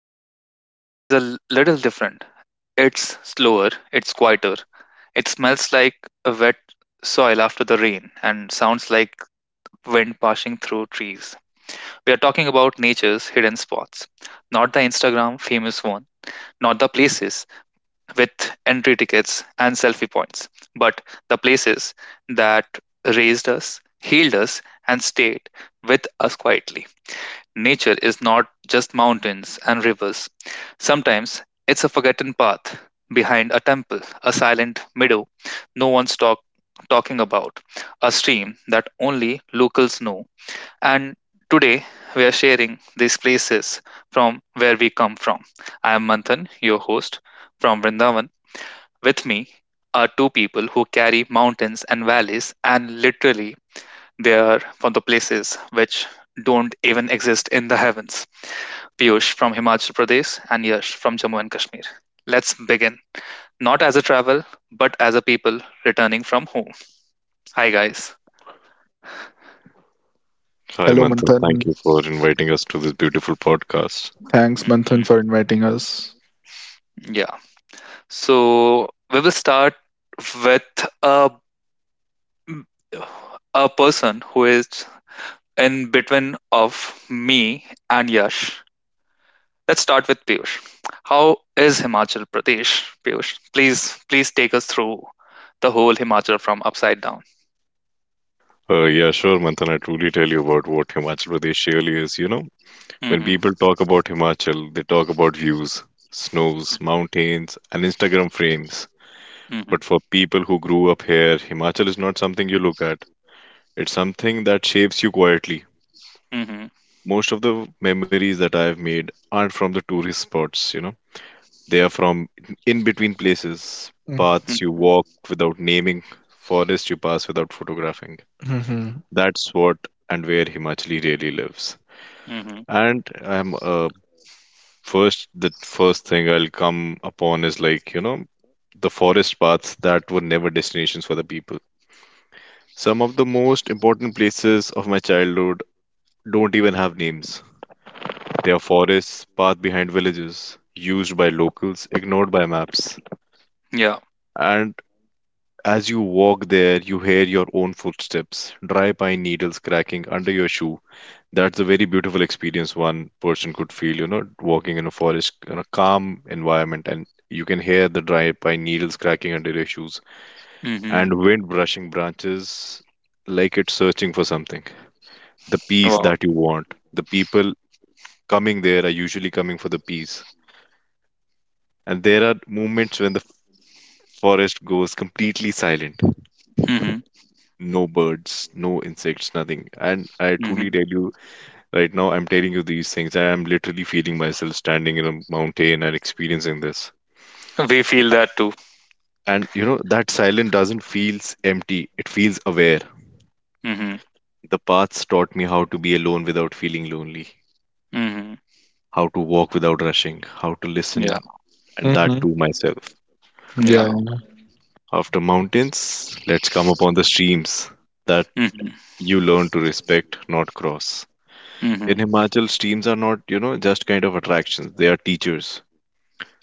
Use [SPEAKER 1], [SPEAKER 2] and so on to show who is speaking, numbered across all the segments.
[SPEAKER 1] episode is a little different. It's slower, it's quieter. It smells like a wet soil after the rain and sounds like wind passing through trees. We are talking about nature's hidden spots, not the Instagram famous one, not the places with entry tickets and selfie points, but the places that raised us, healed us, and stayed with us quietly. Nature is not just mountains and rivers. Sometimes it's a forgotten path behind a temple, a silent meadow no one's talking about, a stream that only locals know. And today we are sharing these places from where we come from. I am Manthan, your host from Vrindavan. With me are two people who carry mountains and valleys and literally they are from the places which don't even exist in the heavens. Piyush from Himachal Pradesh and Yash from Jammu and Kashmir. Let's begin. Not as a travel, but as a people returning from home. Hi, guys.
[SPEAKER 2] Hi,
[SPEAKER 3] Hello,
[SPEAKER 2] Manthan. Thank
[SPEAKER 3] Manthan.
[SPEAKER 2] you for inviting us to this beautiful podcast.
[SPEAKER 3] Thanks,
[SPEAKER 1] Mhm.
[SPEAKER 3] Manthan, for inviting us.
[SPEAKER 1] Yeah. So we will start with a person who is in between of me and Yash. Let's start with Piyush. How is Himachal Pradesh, Piyush? Please, please take us through the whole Himachal from upside down.
[SPEAKER 2] Yeah, sure, Manthan. I truly tell you about what Himachal Pradesh really is. You know, when
[SPEAKER 1] Mm-hmm.
[SPEAKER 2] people talk about Himachal, they talk about views, snows, mountains, and Instagram frames.
[SPEAKER 1] Mm-hmm.
[SPEAKER 2] But for people who grew up here, Himachal is not something you look at, it's something that shapes you quietly.
[SPEAKER 1] Mm-hmm.
[SPEAKER 2] Most of the memories that I have made aren't from the tourist spots, you know. They are from in between places,
[SPEAKER 3] Mm-hmm.
[SPEAKER 2] paths you
[SPEAKER 1] Mm-hmm.
[SPEAKER 2] walk without naming, forests you pass without photographing.
[SPEAKER 3] Mm-hmm.
[SPEAKER 2] That's what and where Himachali really lives.
[SPEAKER 1] Mm-hmm.
[SPEAKER 2] And I'm first the first thing I'll come upon is like, you know, the forest paths that were never destinations for the people. Some of the most important places of my childhood don't even have names. They are forests, path behind villages, used by locals, ignored by maps.
[SPEAKER 1] Yeah.
[SPEAKER 2] And As you walk there, you hear your own footsteps, dry pine needles cracking under your shoe. That's a very beautiful experience one person could feel, you know, walking in a forest, in a calm environment, and you can hear the dry pine needles cracking under your shoes
[SPEAKER 1] Mm-hmm.
[SPEAKER 2] and wind brushing branches like it's searching for something. The peace
[SPEAKER 1] Wow.
[SPEAKER 2] that you want. The people coming there are usually coming for the peace. And there are moments when the forest goes completely silent.
[SPEAKER 1] Mm-hmm.
[SPEAKER 2] No birds, no insects, nothing. And I truly
[SPEAKER 1] Mm-hmm.
[SPEAKER 2] tell you, right now, I'm telling you these things, and I'm literally feeling myself standing in a mountain and experiencing this.
[SPEAKER 1] We feel that too.
[SPEAKER 2] And you know, that silence doesn't feels empty, it feels aware.
[SPEAKER 1] Mm-hmm.
[SPEAKER 2] The paths taught me how to be alone without feeling lonely,
[SPEAKER 1] Mm-hmm.
[SPEAKER 2] how to walk without rushing, how to
[SPEAKER 1] Yeah.
[SPEAKER 2] listen, and that
[SPEAKER 3] Mm-hmm.
[SPEAKER 2] to myself.
[SPEAKER 3] Yeah.
[SPEAKER 1] Yeah.
[SPEAKER 2] After mountains, let's come upon the streams that
[SPEAKER 1] Mm-hmm.
[SPEAKER 2] you learn to respect, not cross.
[SPEAKER 1] Mm-hmm.
[SPEAKER 2] In Himachal, streams are not, you know, just kind of attractions. They are teachers.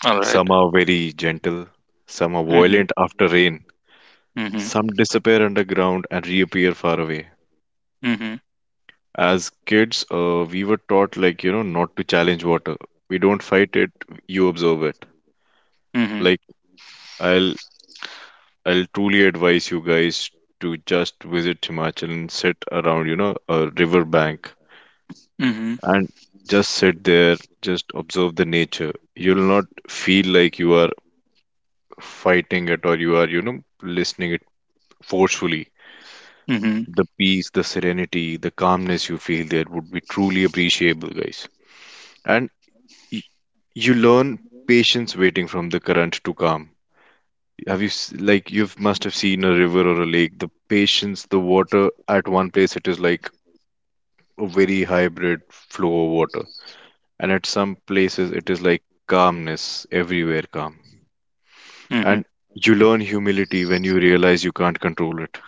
[SPEAKER 1] All right.
[SPEAKER 2] Some are very gentle, some are
[SPEAKER 1] Mm-hmm.
[SPEAKER 2] violent after rain,
[SPEAKER 1] Mm-hmm.
[SPEAKER 2] some disappear underground and reappear far away.
[SPEAKER 1] Mm-hmm.
[SPEAKER 2] As kids, we were taught, like, you know, not to challenge water. We don't fight it, you observe it.
[SPEAKER 1] Mm-hmm.
[SPEAKER 2] Like, I'll I'll truly advise you guys to just visit Himachal and sit around, you know, a river bank
[SPEAKER 1] Mm-hmm.
[SPEAKER 2] and just sit there, just observe the nature. You'll not feel like you are fighting it or you are, you know, listening it forcefully,
[SPEAKER 1] Mm-hmm.
[SPEAKER 2] the peace, the serenity, the calmness you feel there would be truly appreciable, guys. And y- you learn patience waiting from the current to calm. Have you s- like you must have seen a river or a lake. The patience, the water at one place it is like a very hybrid flow of water, and at some places it is like calmness everywhere calm.
[SPEAKER 1] Mm-hmm.
[SPEAKER 2] And you learn humility when you realize you can't control it.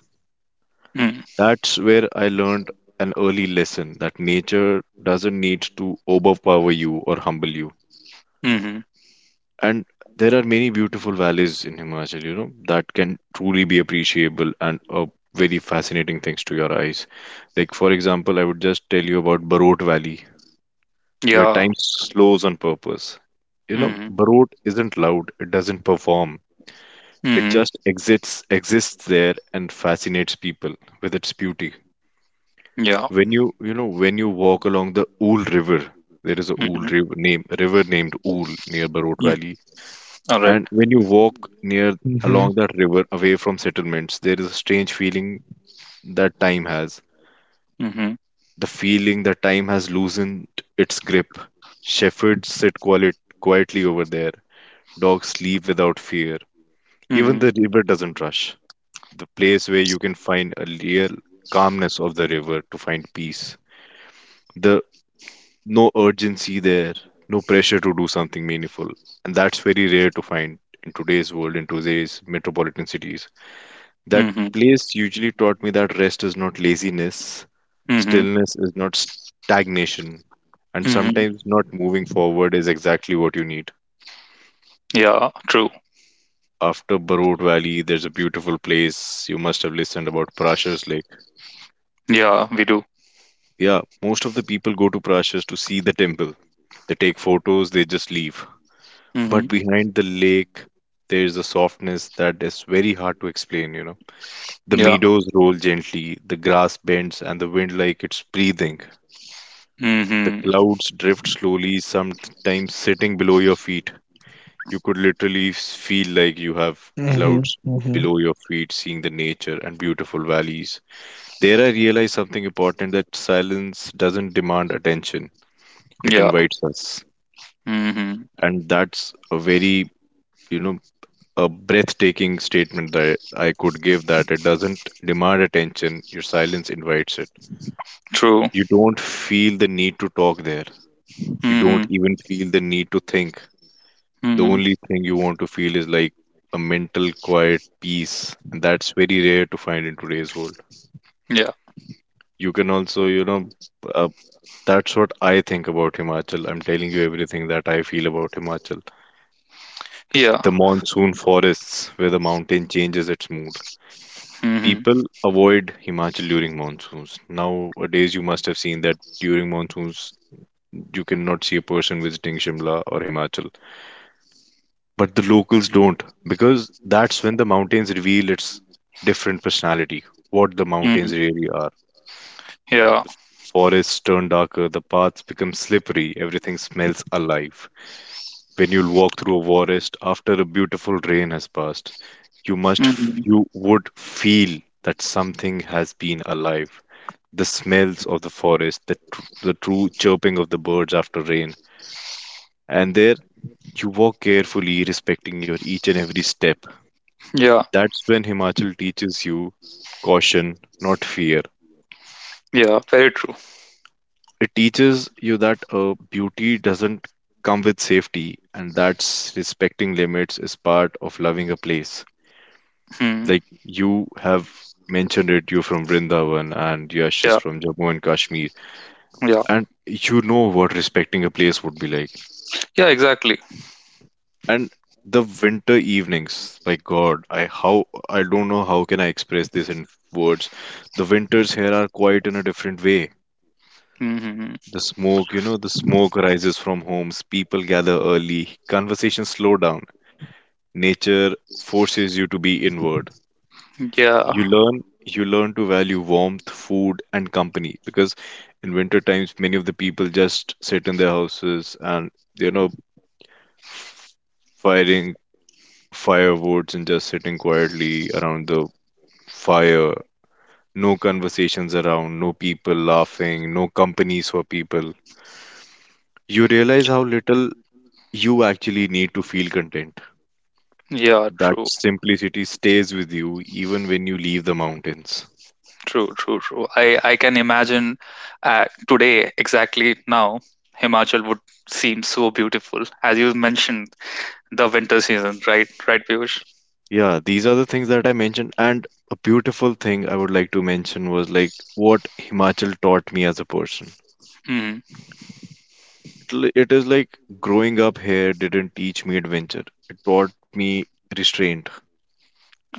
[SPEAKER 1] Mm-hmm.
[SPEAKER 2] That's where I learned an early lesson that nature doesn't need to overpower you or humble you.
[SPEAKER 1] Mm-hmm.
[SPEAKER 2] And there are many beautiful valleys in Himachal, you know, that can truly be appreciable and are very fascinating things to your eyes. Like, for example, I would just tell you about Barot Valley, where
[SPEAKER 1] Yeah.
[SPEAKER 2] time slows on purpose. You know,
[SPEAKER 1] Mm-hmm.
[SPEAKER 2] Barot isn't loud, it doesn't perform. It
[SPEAKER 1] Mm-hmm.
[SPEAKER 2] just exists there and fascinates people with its beauty.
[SPEAKER 1] Yeah.
[SPEAKER 2] When you walk along the Ool River, there is a Ool
[SPEAKER 1] Mm-hmm.
[SPEAKER 2] river name river named Ool near Barot
[SPEAKER 1] Mm-hmm.
[SPEAKER 2] Valley,
[SPEAKER 1] All right.
[SPEAKER 2] and when you walk near along
[SPEAKER 3] Mm-hmm.
[SPEAKER 2] that river away from settlements, there is a strange feeling that time has.
[SPEAKER 1] Mm-hmm.
[SPEAKER 2] The feeling that time has loosened its grip. Shepherds sit quietly over there. Dogs sleep without fear. Even
[SPEAKER 1] Mm-hmm.
[SPEAKER 2] the river doesn't rush. The place where you can find a real calmness of the river to find peace. The No urgency there, no pressure to do something meaningful. And that's very rare to find in today's world, in today's metropolitan cities. That
[SPEAKER 1] Mm-hmm.
[SPEAKER 2] place usually taught me that rest is not laziness,
[SPEAKER 1] Mm-hmm.
[SPEAKER 2] stillness is not stagnation, and
[SPEAKER 1] Mm-hmm.
[SPEAKER 2] sometimes not moving forward is exactly what you need.
[SPEAKER 1] Yeah, true.
[SPEAKER 2] After Barot Valley, there's a beautiful place you must have listened about Prashers Lake.
[SPEAKER 1] Yeah, we do.
[SPEAKER 2] Yeah, most of the people go to Prashers to see the temple. They take photos, they just leave.
[SPEAKER 1] Mm-hmm.
[SPEAKER 2] But behind the lake, there is a softness that is very hard to explain, you know. The
[SPEAKER 1] Yeah.
[SPEAKER 2] meadows roll gently, the grass bends, and the wind like it's breathing. The
[SPEAKER 1] Mm-hmm.
[SPEAKER 2] clouds drift slowly, sometimes sitting below your feet. You could feel like you have
[SPEAKER 3] Mm-hmm.
[SPEAKER 2] clouds
[SPEAKER 3] Mm-hmm.
[SPEAKER 2] below your feet, seeing the nature and beautiful valleys. There, I realized something important that silence doesn't demand attention, it
[SPEAKER 1] Yeah.
[SPEAKER 2] invites us.
[SPEAKER 1] Mm-hmm.
[SPEAKER 2] And that's a very, you know, a breathtaking statement that I could give that it doesn't demand attention, your silence invites it.
[SPEAKER 1] True.
[SPEAKER 2] You don't feel the need to talk there. You don't
[SPEAKER 1] Mm-hmm.
[SPEAKER 2] even feel the need to think. The
[SPEAKER 1] Mm-hmm.
[SPEAKER 2] only thing you want to feel is like a mental quiet peace, and that's very rare to find in today's world.
[SPEAKER 1] Yeah.
[SPEAKER 2] You can also, you know, uh, that's what I think about Himachal. I'm telling you everything that I feel about Himachal.
[SPEAKER 1] Yeah.
[SPEAKER 2] The monsoon forests where the mountain changes its mood.
[SPEAKER 1] Mm-hmm.
[SPEAKER 2] People avoid Himachal during monsoons. Nowadays, you must have seen that during monsoons, you cannot see a person visiting Shimla or Himachal. But the locals don't, because that's when the mountains reveal its different personality, what the
[SPEAKER 1] Mm-hmm.
[SPEAKER 2] mountains really are.
[SPEAKER 1] Yeah.
[SPEAKER 2] Forests turn darker, the paths become slippery, everything smells alive. When you walk through a forest after a beautiful rain has passed,
[SPEAKER 1] Mm-hmm.
[SPEAKER 2] you would feel that something has been alive. The smells of the forest, the true chirping of the birds after rain, and there you walk carefully, respecting your each and every step.
[SPEAKER 1] Yeah.
[SPEAKER 2] That's when Himachal teaches you caution, not fear.
[SPEAKER 1] Yeah. Very true.
[SPEAKER 2] It teaches you that beauty doesn't come with safety, and that's respecting limits is part of loving a place.
[SPEAKER 1] Mm-hmm.
[SPEAKER 2] Like you have mentioned it, you're from Vrindavan and Yash is
[SPEAKER 1] Yeah.
[SPEAKER 2] from Jammu and Kashmir,
[SPEAKER 1] Yeah.
[SPEAKER 2] and you know what respecting a place would be like.
[SPEAKER 1] Yeah, exactly.
[SPEAKER 2] And the winter evenings, my God, I don't know how can I express this in words. The winters here are quite in a different way.
[SPEAKER 1] Mm-hmm.
[SPEAKER 2] The smoke, you know, the smoke rises from homes, people gather early, conversations slow down. Nature forces you to be inward.
[SPEAKER 1] Yeah.
[SPEAKER 2] You learn you learn to value warmth food and company because in winter times many of the people just sit in their houses and you know f- firing firewoods and just sitting quietly around the fire, no conversations around, no people laughing, no companies for people. You realize how little you actually need to feel content.
[SPEAKER 1] Yeah,
[SPEAKER 2] That
[SPEAKER 1] true.
[SPEAKER 2] simplicity stays with you even when you leave the mountains.
[SPEAKER 1] True, true, true. I can imagine today, exactly now, Himachal would seem so beautiful. As you mentioned, the winter season, right? Right, Piyush?
[SPEAKER 2] Yeah, these are the things that I mentioned. And a beautiful thing I would like to mention was like what Himachal taught me as a person.
[SPEAKER 1] Mhm.
[SPEAKER 2] It is like growing up here didn't teach me adventure. It taught me restraint.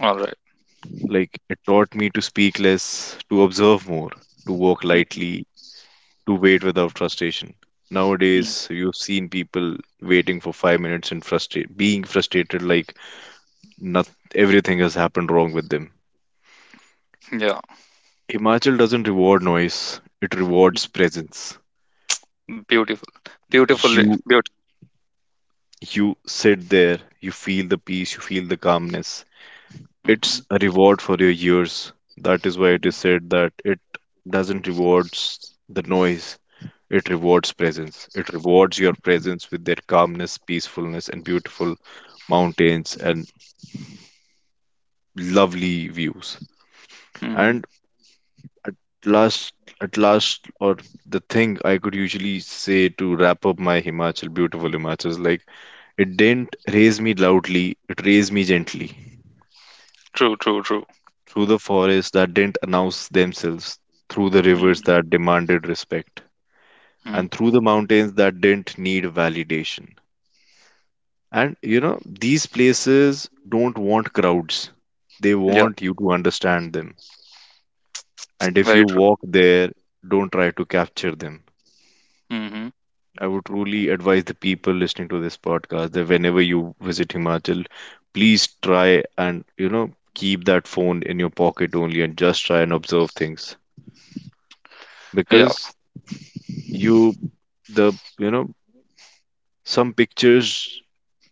[SPEAKER 1] All right.
[SPEAKER 2] Like it taught me to speak less, to observe more, to walk lightly, to wait without frustration.
[SPEAKER 1] Mhm.
[SPEAKER 2] Nowadays, you've seen people waiting for 5 minutes and being frustrated like not everything has happened wrong with them.
[SPEAKER 1] Yeah.
[SPEAKER 2] Himachal doesn't reward noise, it rewards presence.
[SPEAKER 1] Beautiful. Beautiful.
[SPEAKER 2] You
[SPEAKER 1] Beautiful.
[SPEAKER 2] you sit there, you feel the peace, you feel the calmness. It's
[SPEAKER 1] Hmm.
[SPEAKER 2] a reward for your years. That is why it is
[SPEAKER 1] Hmm.
[SPEAKER 2] said that it doesn't rewards the noise, it rewards presence. It rewards your presence with their calmness, peacefulness and beautiful mountains and lovely views.
[SPEAKER 1] Hmm.
[SPEAKER 2] And last at last or the thing I could usually say to wrap up my Himachal, beautiful Himachal is like, it didn't raise me loudly, it raised me gently.
[SPEAKER 1] True, true, true.
[SPEAKER 2] Through the forests that didn't announce themselves, through the rivers that demanded respect,
[SPEAKER 1] Hmm.
[SPEAKER 2] and through the mountains that didn't need validation. And you know, these places don't want crowds, they
[SPEAKER 1] Yeah,
[SPEAKER 2] want you to understand them. And if
[SPEAKER 1] very
[SPEAKER 2] you
[SPEAKER 1] true.
[SPEAKER 2] walk there, don't try to capture them.
[SPEAKER 1] Hmm.
[SPEAKER 2] I would truly advise the people listening to this podcast that whenever you visit Himachal, please try and, you know, keep that phone in your pocket only and just try and observe things
[SPEAKER 1] Yeah.
[SPEAKER 2] because you, the, you know, some pictures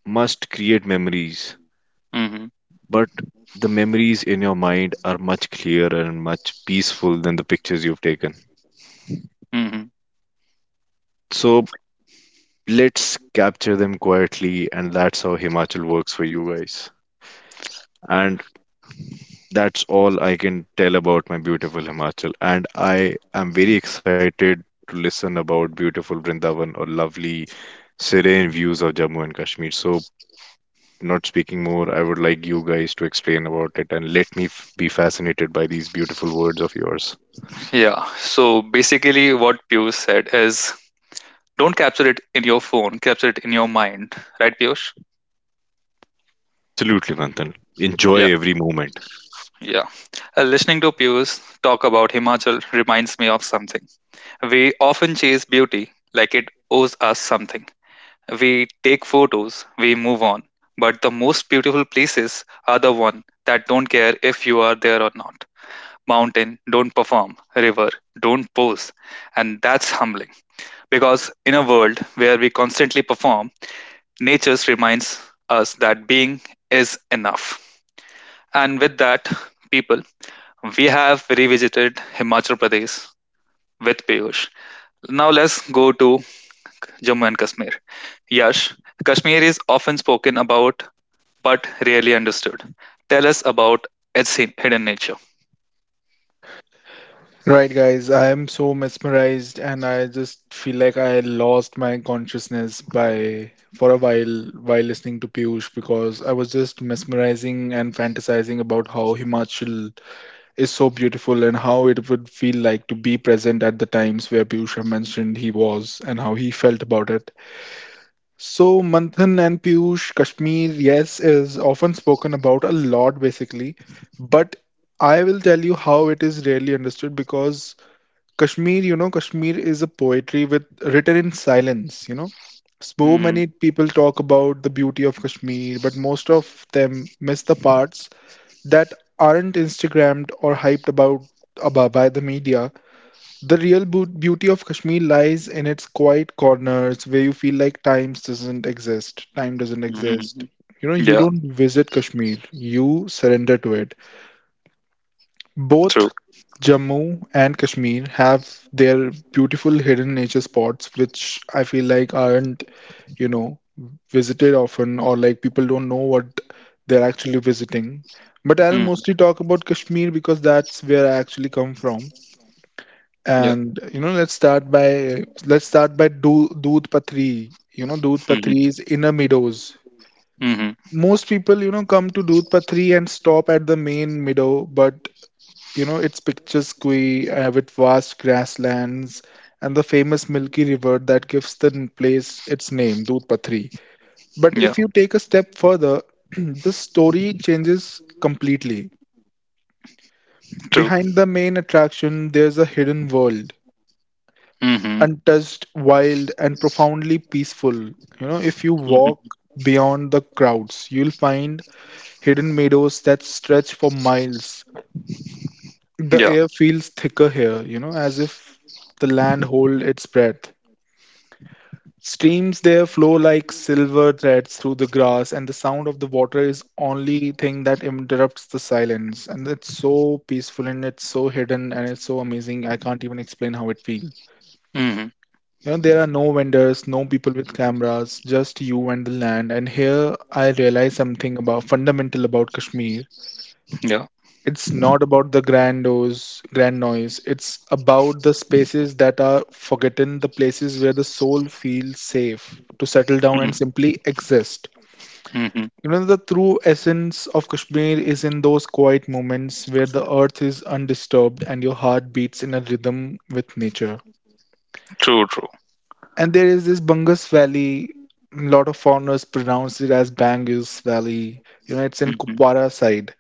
[SPEAKER 2] must create memories,
[SPEAKER 1] Hmm.
[SPEAKER 2] but the memories in your mind are much clearer and much peaceful than the pictures you've taken.
[SPEAKER 1] Hmm.
[SPEAKER 2] So let's capture them quietly, and that's how Himachal works for you guys. And That's all I can tell about my beautiful Himachal, and I am very excited to listen about beautiful Vrindavan or lovely, serene views of Jammu and Kashmir. So, not speaking more, I would like you guys to explain about it and let me f be fascinated by these beautiful words of yours.
[SPEAKER 1] Yeah. So basically, what Piyush said is don't capture it in your phone, capture it in your mind. Right, Piyush?
[SPEAKER 2] Absolutely, Manthan.
[SPEAKER 1] Yeah,
[SPEAKER 2] Enjoy every moment.
[SPEAKER 1] yeah. Listening to Piyush talk about Himachal reminds me of something. We often chase beauty like it owes us something. We take photos, we move on. But the most beautiful places are the one that don't care if you are there or not. Mountain, don't perform. River, don't pose. And that's humbling. Because in a world where we constantly perform, nature reminds us that being is enough. And with that, people, we have revisited Himachal Pradesh with Piyush. Now let's go to Jammu and Kashmir. Yash, Kashmir is often spoken about but rarely understood. Tell us about its hidden nature.
[SPEAKER 3] Right, guys. I am so mesmerized, and I just feel like I lost my consciousness by for a while listening to Piyush because I was just mesmerizing and fantasizing about how Himachal is so beautiful and how it would feel like to be present at the times where Piyush have mentioned he was and how he felt about it. So, Manthan and Piyush, Kashmir, yes, is often spoken about a lot basically, but I will tell you how it is rarely understood because Kashmir, you know, Kashmir is a poetry with written in silence, you know. So
[SPEAKER 1] Mhm,
[SPEAKER 3] many people talk about the beauty of Kashmir, but most of them miss the parts that aren't Instagrammed or hyped about by the media. The real beauty of Kashmir lies in its quiet corners where you feel like time doesn't exist. Time doesn't
[SPEAKER 1] mhm,
[SPEAKER 3] exist.
[SPEAKER 1] mhm.
[SPEAKER 3] You know, you
[SPEAKER 1] Yeah,
[SPEAKER 3] don't visit Kashmir, you surrender to it.
[SPEAKER 1] true.
[SPEAKER 3] Both Jammu and Kashmir have their beautiful hidden nature spots, which I feel like aren't, you know, visited often, or like people don't know what they're actually visiting. But I'll
[SPEAKER 1] Mhm.
[SPEAKER 3] mostly talk about Kashmir because that's where I actually come from.
[SPEAKER 1] Yeah.
[SPEAKER 3] And you know, let's start by Do Doodh Pathri. You know, Doodh
[SPEAKER 1] Mhm,
[SPEAKER 3] Pathri is inner meadows.
[SPEAKER 1] mhm.
[SPEAKER 3] Most people, you know, come to Doodh Pathri and stop at the main meadow, but you know, it's picturesque with vast grasslands and the famous milky river that gives the place its name, Doodh Pathri. But
[SPEAKER 1] Yeah,
[SPEAKER 3] if you take a step further, the story changes completely.
[SPEAKER 1] true.
[SPEAKER 3] Behind the main attraction, there's a hidden world,
[SPEAKER 1] Mhm,
[SPEAKER 3] untouched, wild, and profoundly peaceful. You know, if you
[SPEAKER 1] mhm.
[SPEAKER 3] walk beyond the crowds, you'll find hidden meadows that stretch for miles. The
[SPEAKER 1] Yeah.
[SPEAKER 3] air feels thicker here, you know, as if the land hold its breath. Streams there flow like silver threads through the grass, and the sound of the water is only thing that interrupts the silence. And it's so peaceful and it's so hidden and it's so amazing. I can't even explain how it feels.
[SPEAKER 1] Mhm.
[SPEAKER 3] You know, there are no vendors, no people with cameras, just you and the land. And here I realized something about fundamental about Kashmir.
[SPEAKER 1] Yeah.
[SPEAKER 3] It's not about grand noise. It's about the spaces that are forgotten, the places where the soul feels safe to settle down and
[SPEAKER 1] Mhm,
[SPEAKER 3] simply exist.
[SPEAKER 1] mhm.
[SPEAKER 3] You know, the true essence of Kashmir is in those quiet moments where the earth is undisturbed and your heart beats in a rhythm with nature.
[SPEAKER 1] True, true.
[SPEAKER 3] And there is this Bungus Valley. A lot of foreigners pronounce it as Bangus Valley. You know, it's in
[SPEAKER 1] Mhm,
[SPEAKER 3] Kupwara side.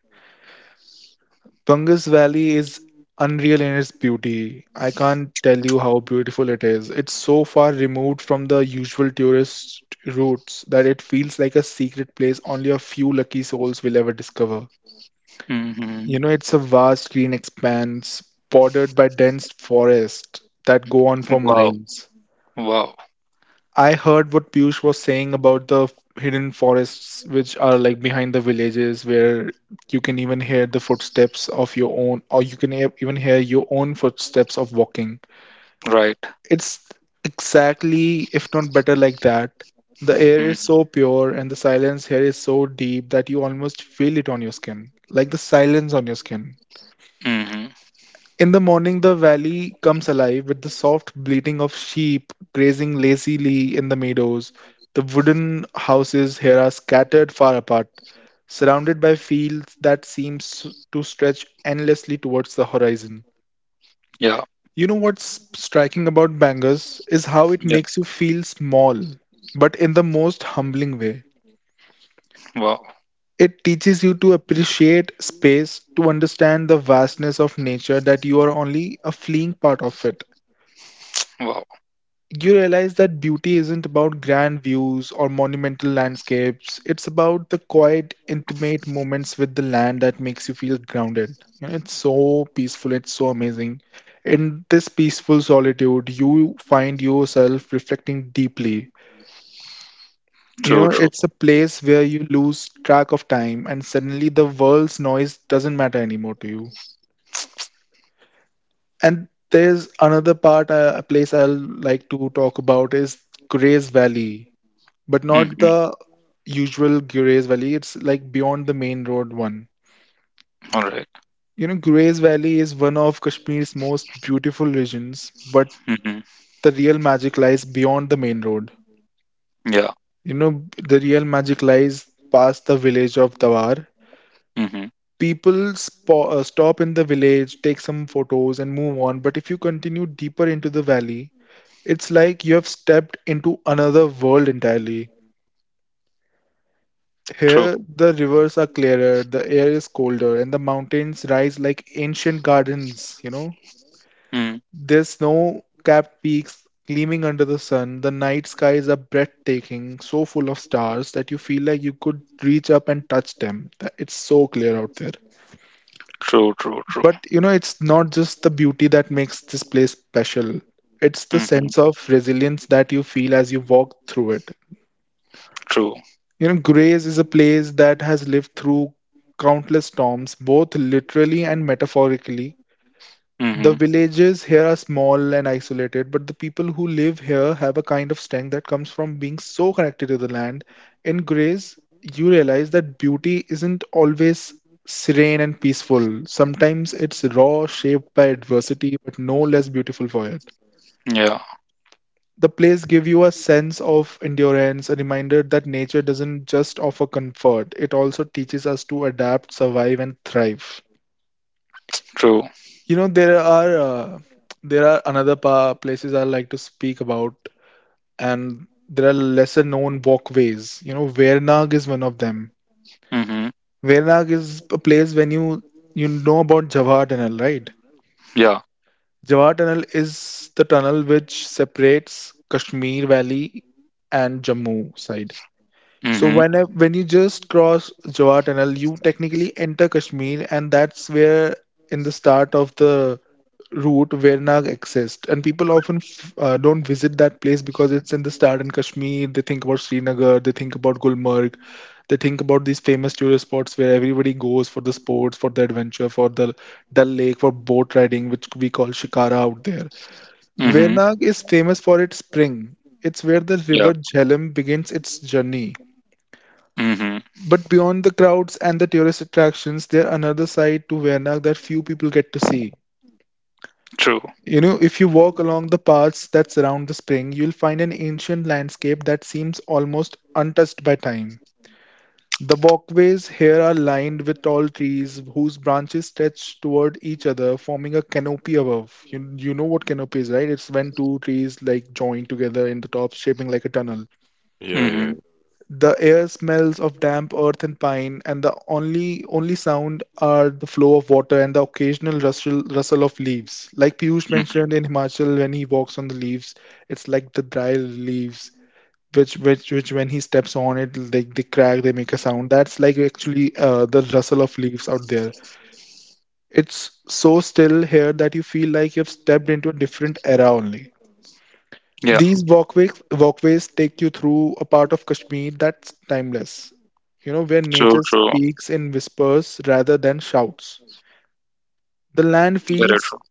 [SPEAKER 3] Bungus Valley is unreal in its beauty. I can't tell you how beautiful it is. It's so far removed from the usual tourist routes that it feels like a secret place only a few lucky souls will ever discover.
[SPEAKER 1] mhm.
[SPEAKER 3] You know, it's a vast green expanse bordered by dense forests that go on for
[SPEAKER 1] Wow,
[SPEAKER 3] miles.
[SPEAKER 1] wow.
[SPEAKER 3] I heard what Piyush was saying about the hidden forests, which are like behind the villages, where you can even hear the footsteps of your own, or you can even hear your own footsteps of walking.
[SPEAKER 1] Right.
[SPEAKER 3] It's exactly, if not better, like that. The air is so
[SPEAKER 1] Mhm,
[SPEAKER 3] pure and the silence here is so deep that you almost feel it on your skin, like the silence on your skin.
[SPEAKER 1] mhm.
[SPEAKER 3] In the morning, the valley comes alive with the soft bleating of sheep grazing lazily in the meadows. The wooden houses here are scattered far apart, surrounded by fields that seem to stretch endlessly towards the horizon.
[SPEAKER 1] Yeah,
[SPEAKER 3] You know what's striking about Bangers is how it
[SPEAKER 1] yeah.
[SPEAKER 3] makes you feel small, but in the most humbling way.
[SPEAKER 1] Wow,
[SPEAKER 3] It teaches you to appreciate space, to understand the vastness of nature that you are only a fleeing part of it.
[SPEAKER 1] wow.
[SPEAKER 3] You realize that beauty isn't about grand views or monumental landscapes. It's about the quiet, intimate moments with the land that makes you feel grounded. You know, it's so peaceful, it's so amazing. In this peaceful solitude, you find yourself reflecting deeply. You know,
[SPEAKER 1] True, true.
[SPEAKER 3] it's a place where you lose track of time, and suddenly the world's noise doesn't matter anymore to you. And there's another part, a place I'll like to talk about is Grace Valley, but not
[SPEAKER 1] Mhm.
[SPEAKER 3] the usual Gurez Valley. It's like beyond the main road one.
[SPEAKER 1] All right.
[SPEAKER 3] You know, Gurez Valley is one of Kashmir's most beautiful regions, but
[SPEAKER 1] Mhm.
[SPEAKER 3] the real magic lies beyond the main road.
[SPEAKER 1] Yeah.
[SPEAKER 3] You know, the real magic lies past the village of Dawar.
[SPEAKER 1] Mhm.
[SPEAKER 3] People stop in the village, take some photos, and move on. But if you continue deeper into the valley, it's like you have stepped into another world entirely.
[SPEAKER 1] True.
[SPEAKER 3] Here, the rivers are clearer, the air is colder, and the mountains rise like ancient gardens, you know?
[SPEAKER 1] Mm.
[SPEAKER 3] There's snow-capped peaks gleaming under the sun. The night skies are breathtaking, so full of stars that you feel like you could reach up and touch them. It's so clear out there.
[SPEAKER 1] True, true, true.
[SPEAKER 3] But, you know, it's not just the beauty that makes this place special. It's the
[SPEAKER 1] Mhm.
[SPEAKER 3] sense of resilience that you feel as you walk through it.
[SPEAKER 1] True.
[SPEAKER 3] You know, Grays is a place that has lived through countless storms, both literally and metaphorically. The
[SPEAKER 1] Mhm.
[SPEAKER 3] villages here are small and isolated, but the people who live here have a kind of strength that comes from being so connected to the land. In Grays, you realize that beauty isn't always serene and peaceful. Sometimes it's raw, shaped by adversity, but no less beautiful for it.
[SPEAKER 1] Yeah.
[SPEAKER 3] The place give you a sense of endurance, a reminder that nature doesn't just offer comfort, it also teaches us to adapt, survive, and thrive.
[SPEAKER 1] True.
[SPEAKER 3] You know, there are another places I like to speak about, and there are lesser known walkways. You know, Vernag is one of them.
[SPEAKER 1] Mhm.
[SPEAKER 3] Vernag is a place when you know about Jawahar Tunnel, right?
[SPEAKER 1] Yeah.
[SPEAKER 3] Jawahar Tunnel is the tunnel which separates Kashmir Valley and Jammu side. So
[SPEAKER 1] Mhm.
[SPEAKER 3] when you just cross Jawar Tunnel, you technically enter Kashmir, and that's where in the start of the route Vernag exists. And people often don't visit that place because it's in the start in Kashmir. They think about Srinagar, they think about Gulmarg, they think about these famous tourist spots where everybody goes for the sports, for the adventure, for the Dal Lake, for boat riding, which we call Shikara out there.
[SPEAKER 1] Mhm.
[SPEAKER 3] Vernag is famous for its spring. It's where the river
[SPEAKER 1] Yeah.
[SPEAKER 3] Jhelum begins its journey.
[SPEAKER 1] Mhm.
[SPEAKER 3] But beyond the crowds and the tourist attractions, there another side to Wernak that few people get to see.
[SPEAKER 1] True.
[SPEAKER 3] You know, if you walk along the paths that surround the spring, you'll find an ancient landscape that seems almost untouched by time. The walkways here are lined with tall trees whose branches stretch toward each other, forming a canopy above. You know what canopy is, right? It's when two trees like join together in the top, shaping like a tunnel.
[SPEAKER 2] Yeah, yeah,
[SPEAKER 1] Mhm.
[SPEAKER 3] The air smells of damp earth and pine, and the only sound are the flow of water and the occasional rustle of leaves. Like Piyush
[SPEAKER 1] Mhm.
[SPEAKER 3] mentioned in Himachal, when he walks on the leaves, it's like the dry leaves, which when he steps on it, they crack, they make a sound. That's like actually the rustle of leaves out there. It's so still here that you feel like you've stepped into a different era only.
[SPEAKER 1] Yeah.
[SPEAKER 3] These walkways take you through a part of Kashmir that's timeless, you know, where nature
[SPEAKER 1] True. True.
[SPEAKER 3] speaks in whispers rather than shouts. The land
[SPEAKER 1] Very
[SPEAKER 3] feels
[SPEAKER 1] true.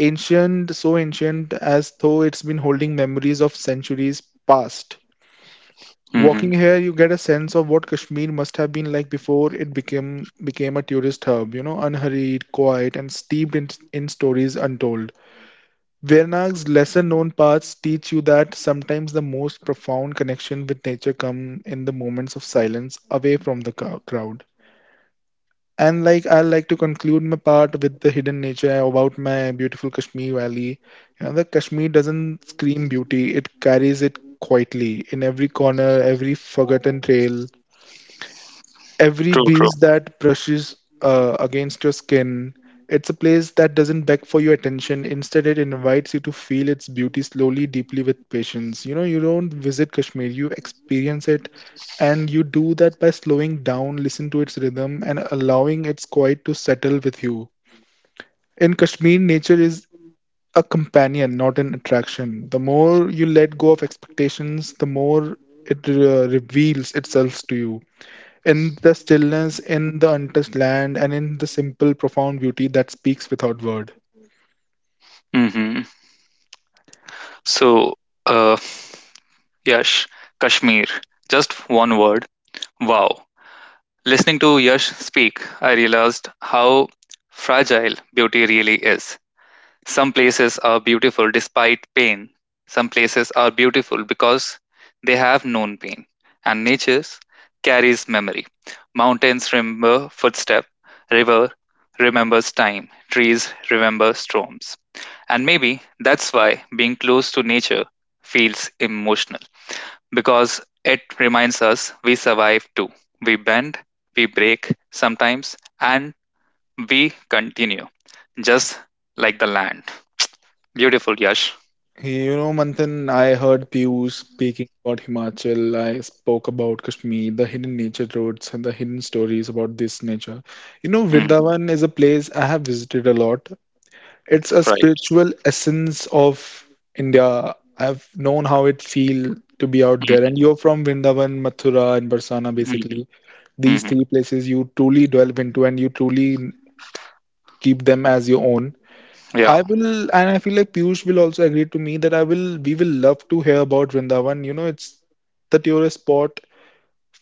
[SPEAKER 3] ancient, so ancient as though it's been holding memories of centuries past. Walking
[SPEAKER 1] Mhm.
[SPEAKER 3] here, you get a sense of what Kashmir must have been like before it became became a tourist hub, you know, unhurried, quiet, and steeped in stories untold. Vernag's lesser-known parts teach you that sometimes the most profound connection with nature come in the moments of silence away from the crowd. And like I like to conclude my part with the hidden nature about my beautiful Kashmir Valley. You know, the Kashmir doesn't scream beauty; it carries it quietly in every corner, every forgotten trail, every
[SPEAKER 1] True. True.
[SPEAKER 3] breeze that brushes against your skin. It's a place that doesn't beg for your attention. Instead, it invites you to feel its beauty slowly, deeply, with patience. You know, you don't visit Kashmir, you experience it, and you do that by slowing down, listen to its rhythm, and allowing its quiet to settle with you. In Kashmir, nature is a companion, not an attraction. The more you let go of expectations, the more it reveals itself to you in the stillness, in the untouched land, and in the simple, profound beauty that speaks without word.
[SPEAKER 1] Mhm. So, uh, Yash, Kashmir. Just one word. Wow. Listening to Yash speak, I realized how fragile beauty really is. Some places are beautiful despite pain. Some places are beautiful because they have known pain. And nature carries memory. Mountains remember footstep, river remembers time, trees remember storms. And maybe that's why being close to nature feels emotional because it reminds us we survive too. We bend, we break sometimes, and we continue just like the land. Beautiful, Yash.
[SPEAKER 3] Hey, you know, Manthan, I heard Piyush speaking about Himachal. I spoke about Kashmir, the hidden nature roads, and the hidden stories about this nature. You know,
[SPEAKER 1] Mm,
[SPEAKER 3] Vrindavan is a place I have visited a lot. It's a
[SPEAKER 1] right.
[SPEAKER 3] spiritual essence of India. I've known how it feel to be out there. And
[SPEAKER 1] Hmm.
[SPEAKER 3] you're from Vrindavan, Mathura, and Barsana, basically.
[SPEAKER 1] Hmm.
[SPEAKER 3] These
[SPEAKER 1] Hmm.
[SPEAKER 3] three places you truly delve into and you truly keep them as your own.
[SPEAKER 1] Yeah,
[SPEAKER 3] I will, and I feel like Piyush will also agree to me that I will, we will love to hear about Vrindavan. You know, it's the tourist spot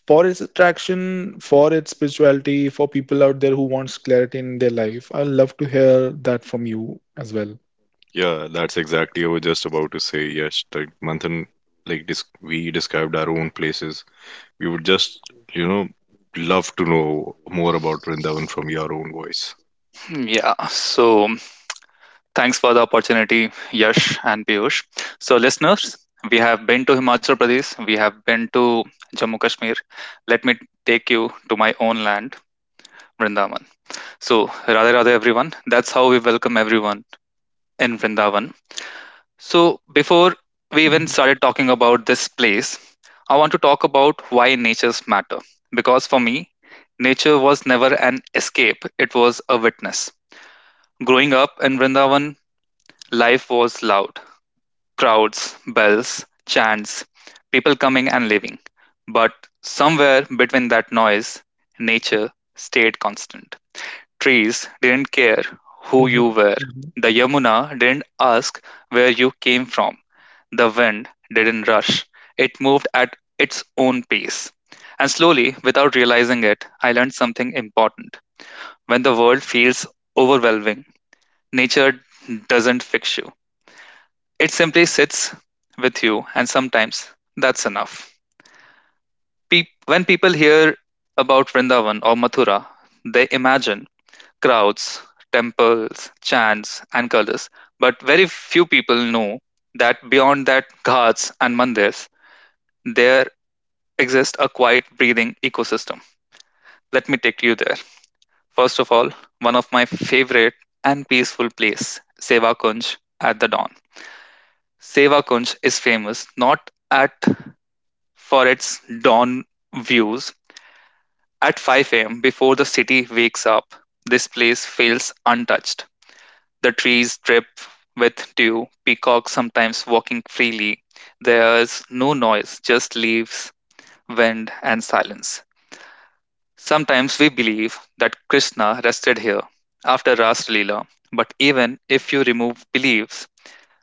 [SPEAKER 3] for its attraction, for its spirituality, for people out there who wants clarity in their life. I will love to hear that from you as well.
[SPEAKER 2] yeah, that's exactly I was just about to say. Yes, like Manthan, like dis we described our own places. We would just, you know, love to know more about Vrindavan from your own voice.
[SPEAKER 1] yeah. So thanks for the opportunity, Yash and Piyush. So, listeners, we have been to Himachal Pradesh, we have been to Jammu Kashmir. Let me take you to my own land, Vrindavan. So, Radhe Radhe, everyone. That's how we welcome everyone in Vrindavan. So, before we even
[SPEAKER 3] Mhm.
[SPEAKER 1] started talking about this place, I want to talk about why natures matter. Because for me, nature was never an escape, it was a witness. Growing up in Vrindavan, life was loud crowds, bells, chants, people coming and leaving. But somewhere between that noise, nature stayed constant. Trees didn't care who
[SPEAKER 3] Mhm.
[SPEAKER 1] you were,
[SPEAKER 3] Mhm.
[SPEAKER 1] the Yamuna didn't ask where you came from. The wind didn't rush. It moved at its own pace. And slowly, without realizing it, I learned something important. When the world feels overwhelming, nature doesn't fix you. It simply sits with you, and sometimes that's enough. Peop when people hear about Vrindavan or Mathura, they imagine crowds, temples, chants, and colors. But very few people know that beyond that, ghats and mandirs, there exists a quiet breathing ecosystem. Let me take you there. First of all, one of my favorite and peaceful place, Seva Kunj at the dawn. Seva Kunj is famous not at for its dawn views. At 5 a.m. before the city wakes up, this place feels untouched. The trees drip with dew, peacocks sometimes walking freely. There's no noise, just leaves, wind, and silence. Sometimes we believe that Krishna rested here after Ras Leela, but even if you remove beliefs,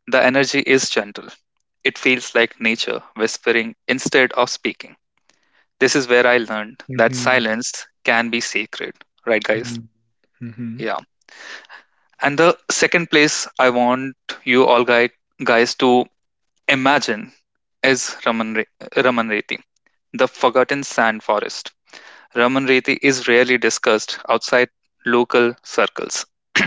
[SPEAKER 1] the energy is gentle. It feels like nature whispering instead of speaking. This is where I learned that
[SPEAKER 3] Mhm.
[SPEAKER 1] silence can be sacred, right, guys?
[SPEAKER 3] Mhm, mhm,
[SPEAKER 1] Yeah. And the second place I want you all guys to imagine is Raman Reti, the forgotten sand forest. Ramanrethi is rarely discussed outside local circles.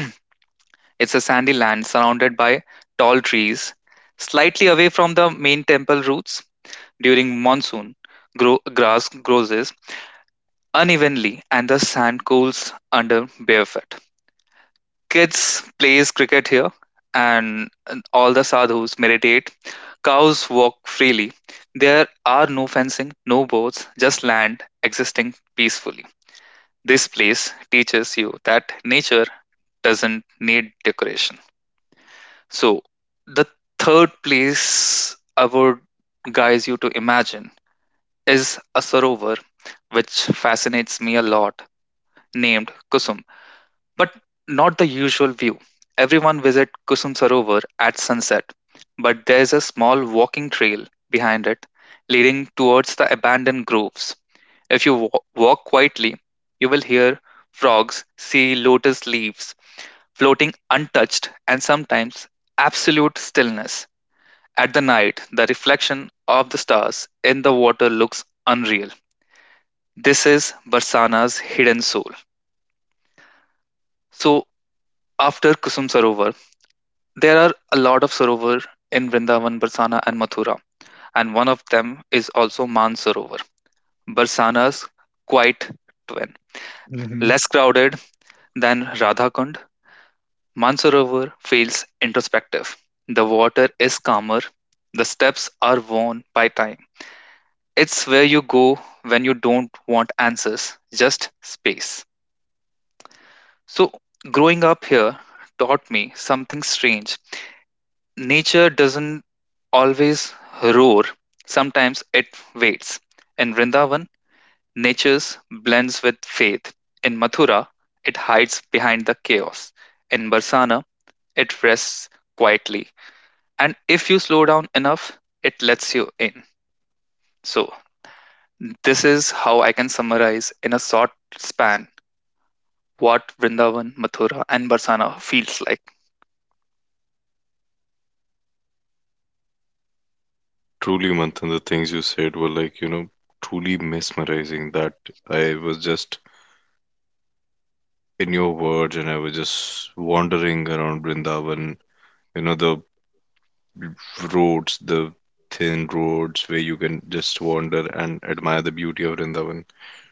[SPEAKER 1] It's a sandy land surrounded by tall trees, slightly away from the main temple routes. During monsoon, grass grows unevenly and the sand cools under barefoot. Kids plays cricket here and all the sadhus meditate. Cows walk freely. There are no fencing, no boats, just land existing peacefully. This place teaches you that nature doesn't need decoration. So, the third place I would guide you to imagine is a sarovar which fascinates me a lot, named Kusum. But not the usual view. Everyone visit Kusum Sarovar at sunset, but there's a small walking trail behind it leading towards the abandoned groves. If you walk quietly, you will hear frogs, see lotus leaves floating untouched, and sometimes absolute stillness. At the night, the reflection of the stars in the water looks unreal. This is Barsana's hidden soul. So, after Kusum Sarovar, there are a lot of Sarovar in Vrindavan, Barsana, and Mathura, and one of them is also Man Sarovar, Barsana's quiet twin.
[SPEAKER 3] mhm,
[SPEAKER 1] Less crowded than Radhakund, Mansarovar feels introspective. The water is calmer. The steps are worn by time. It's where you go when you don't want answers, just space. So, growing up here taught me something strange. Nature doesn't always roar, sometimes it waits. In Vrindavan, nature blends with faith. In Mathura, it hides behind the chaos. In Barsana, it rests quietly. And if you slow down enough, it lets you in. So this is how I can summarize in a short span what Vrindavan, Mathura, and Barsana feels like.
[SPEAKER 2] Truly, Manthan, the things you said were like, you know, truly mesmerizing that I was just in your words and I was just wandering around Vrindavan, you know, the roads, the thin roads where you can just wander and admire the beauty of Vrindavan.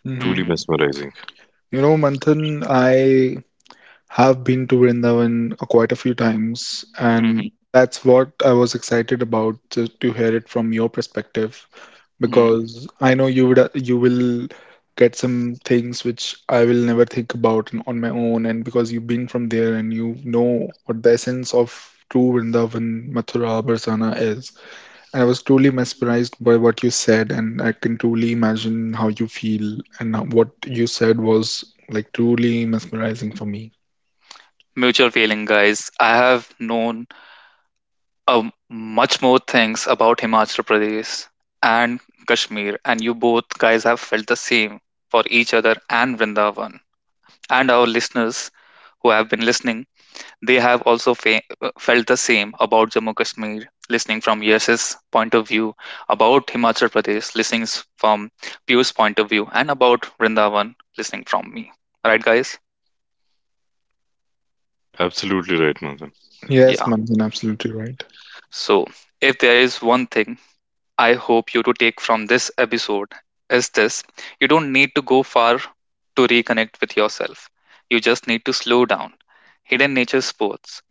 [SPEAKER 2] Truly
[SPEAKER 3] mhm.
[SPEAKER 1] Hmm.
[SPEAKER 2] mesmerizing.
[SPEAKER 3] You know, Manthan, I have been to Vrindavan quite a few times, and that's what I was excited about to hear it from your perspective,
[SPEAKER 1] Hmm.
[SPEAKER 3] because I know you would you will get some things which I will never think about on my own, and because you've been from there and you know what the essence of true Vrindavan, Mathura, Barsana is. I was truly mesmerized by what you said, and I can truly imagine how you feel. And what you said was like truly mesmerizing for me.
[SPEAKER 1] Mutual feeling, guys. I have known um, much more things about Himachal Pradesh and Kashmir, and you both guys have felt the same for each other and Vrindavan, and our listeners who have been listening. They have also felt the same about Jammu Kashmir, listening from Yash's point of view, about Himachal Pradesh, listening from Piyush's point of view, and about Vrindavan, listening from me. Right, guys?
[SPEAKER 2] Absolutely right, Manthan.
[SPEAKER 3] Yes,
[SPEAKER 1] Yeah.
[SPEAKER 3] Manthan, absolutely right.
[SPEAKER 1] So, if there is one thing I hope you to take from this episode is this: you don't need to go far to reconnect with yourself. You just need to slow down. Hidden nature sports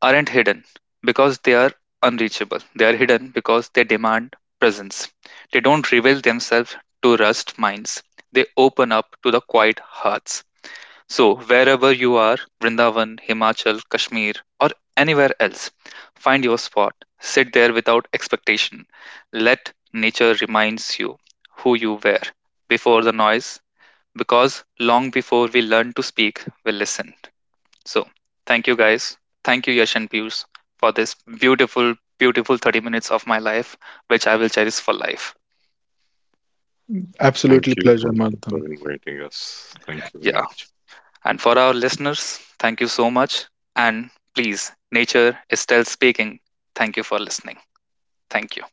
[SPEAKER 1] aren't hidden because they are unreachable. They are hidden because they demand presence. They don't reveal themselves to rust minds. They open up to the quiet hearts. So, wherever you are, Vrindavan, Himachal, Kashmir, or anywhere else, find your spot. Sit there without expectation. Let nature reminds you who you were before the noise because long before we learn to speak, we listen. So, thank you guys. Thank you, Yash and Piyush, for this beautiful, beautiful 30 minutes of my life, which I will cherish for life.
[SPEAKER 2] Thank
[SPEAKER 3] Absolutely
[SPEAKER 2] you, Manthan,
[SPEAKER 3] pleasure,
[SPEAKER 2] for
[SPEAKER 3] Manthan.
[SPEAKER 2] inviting us. Thank you very
[SPEAKER 1] Yeah.
[SPEAKER 2] much.
[SPEAKER 1] And for our listeners, thank you so much. And please, nature is still speaking. Thank you for listening. Thank you.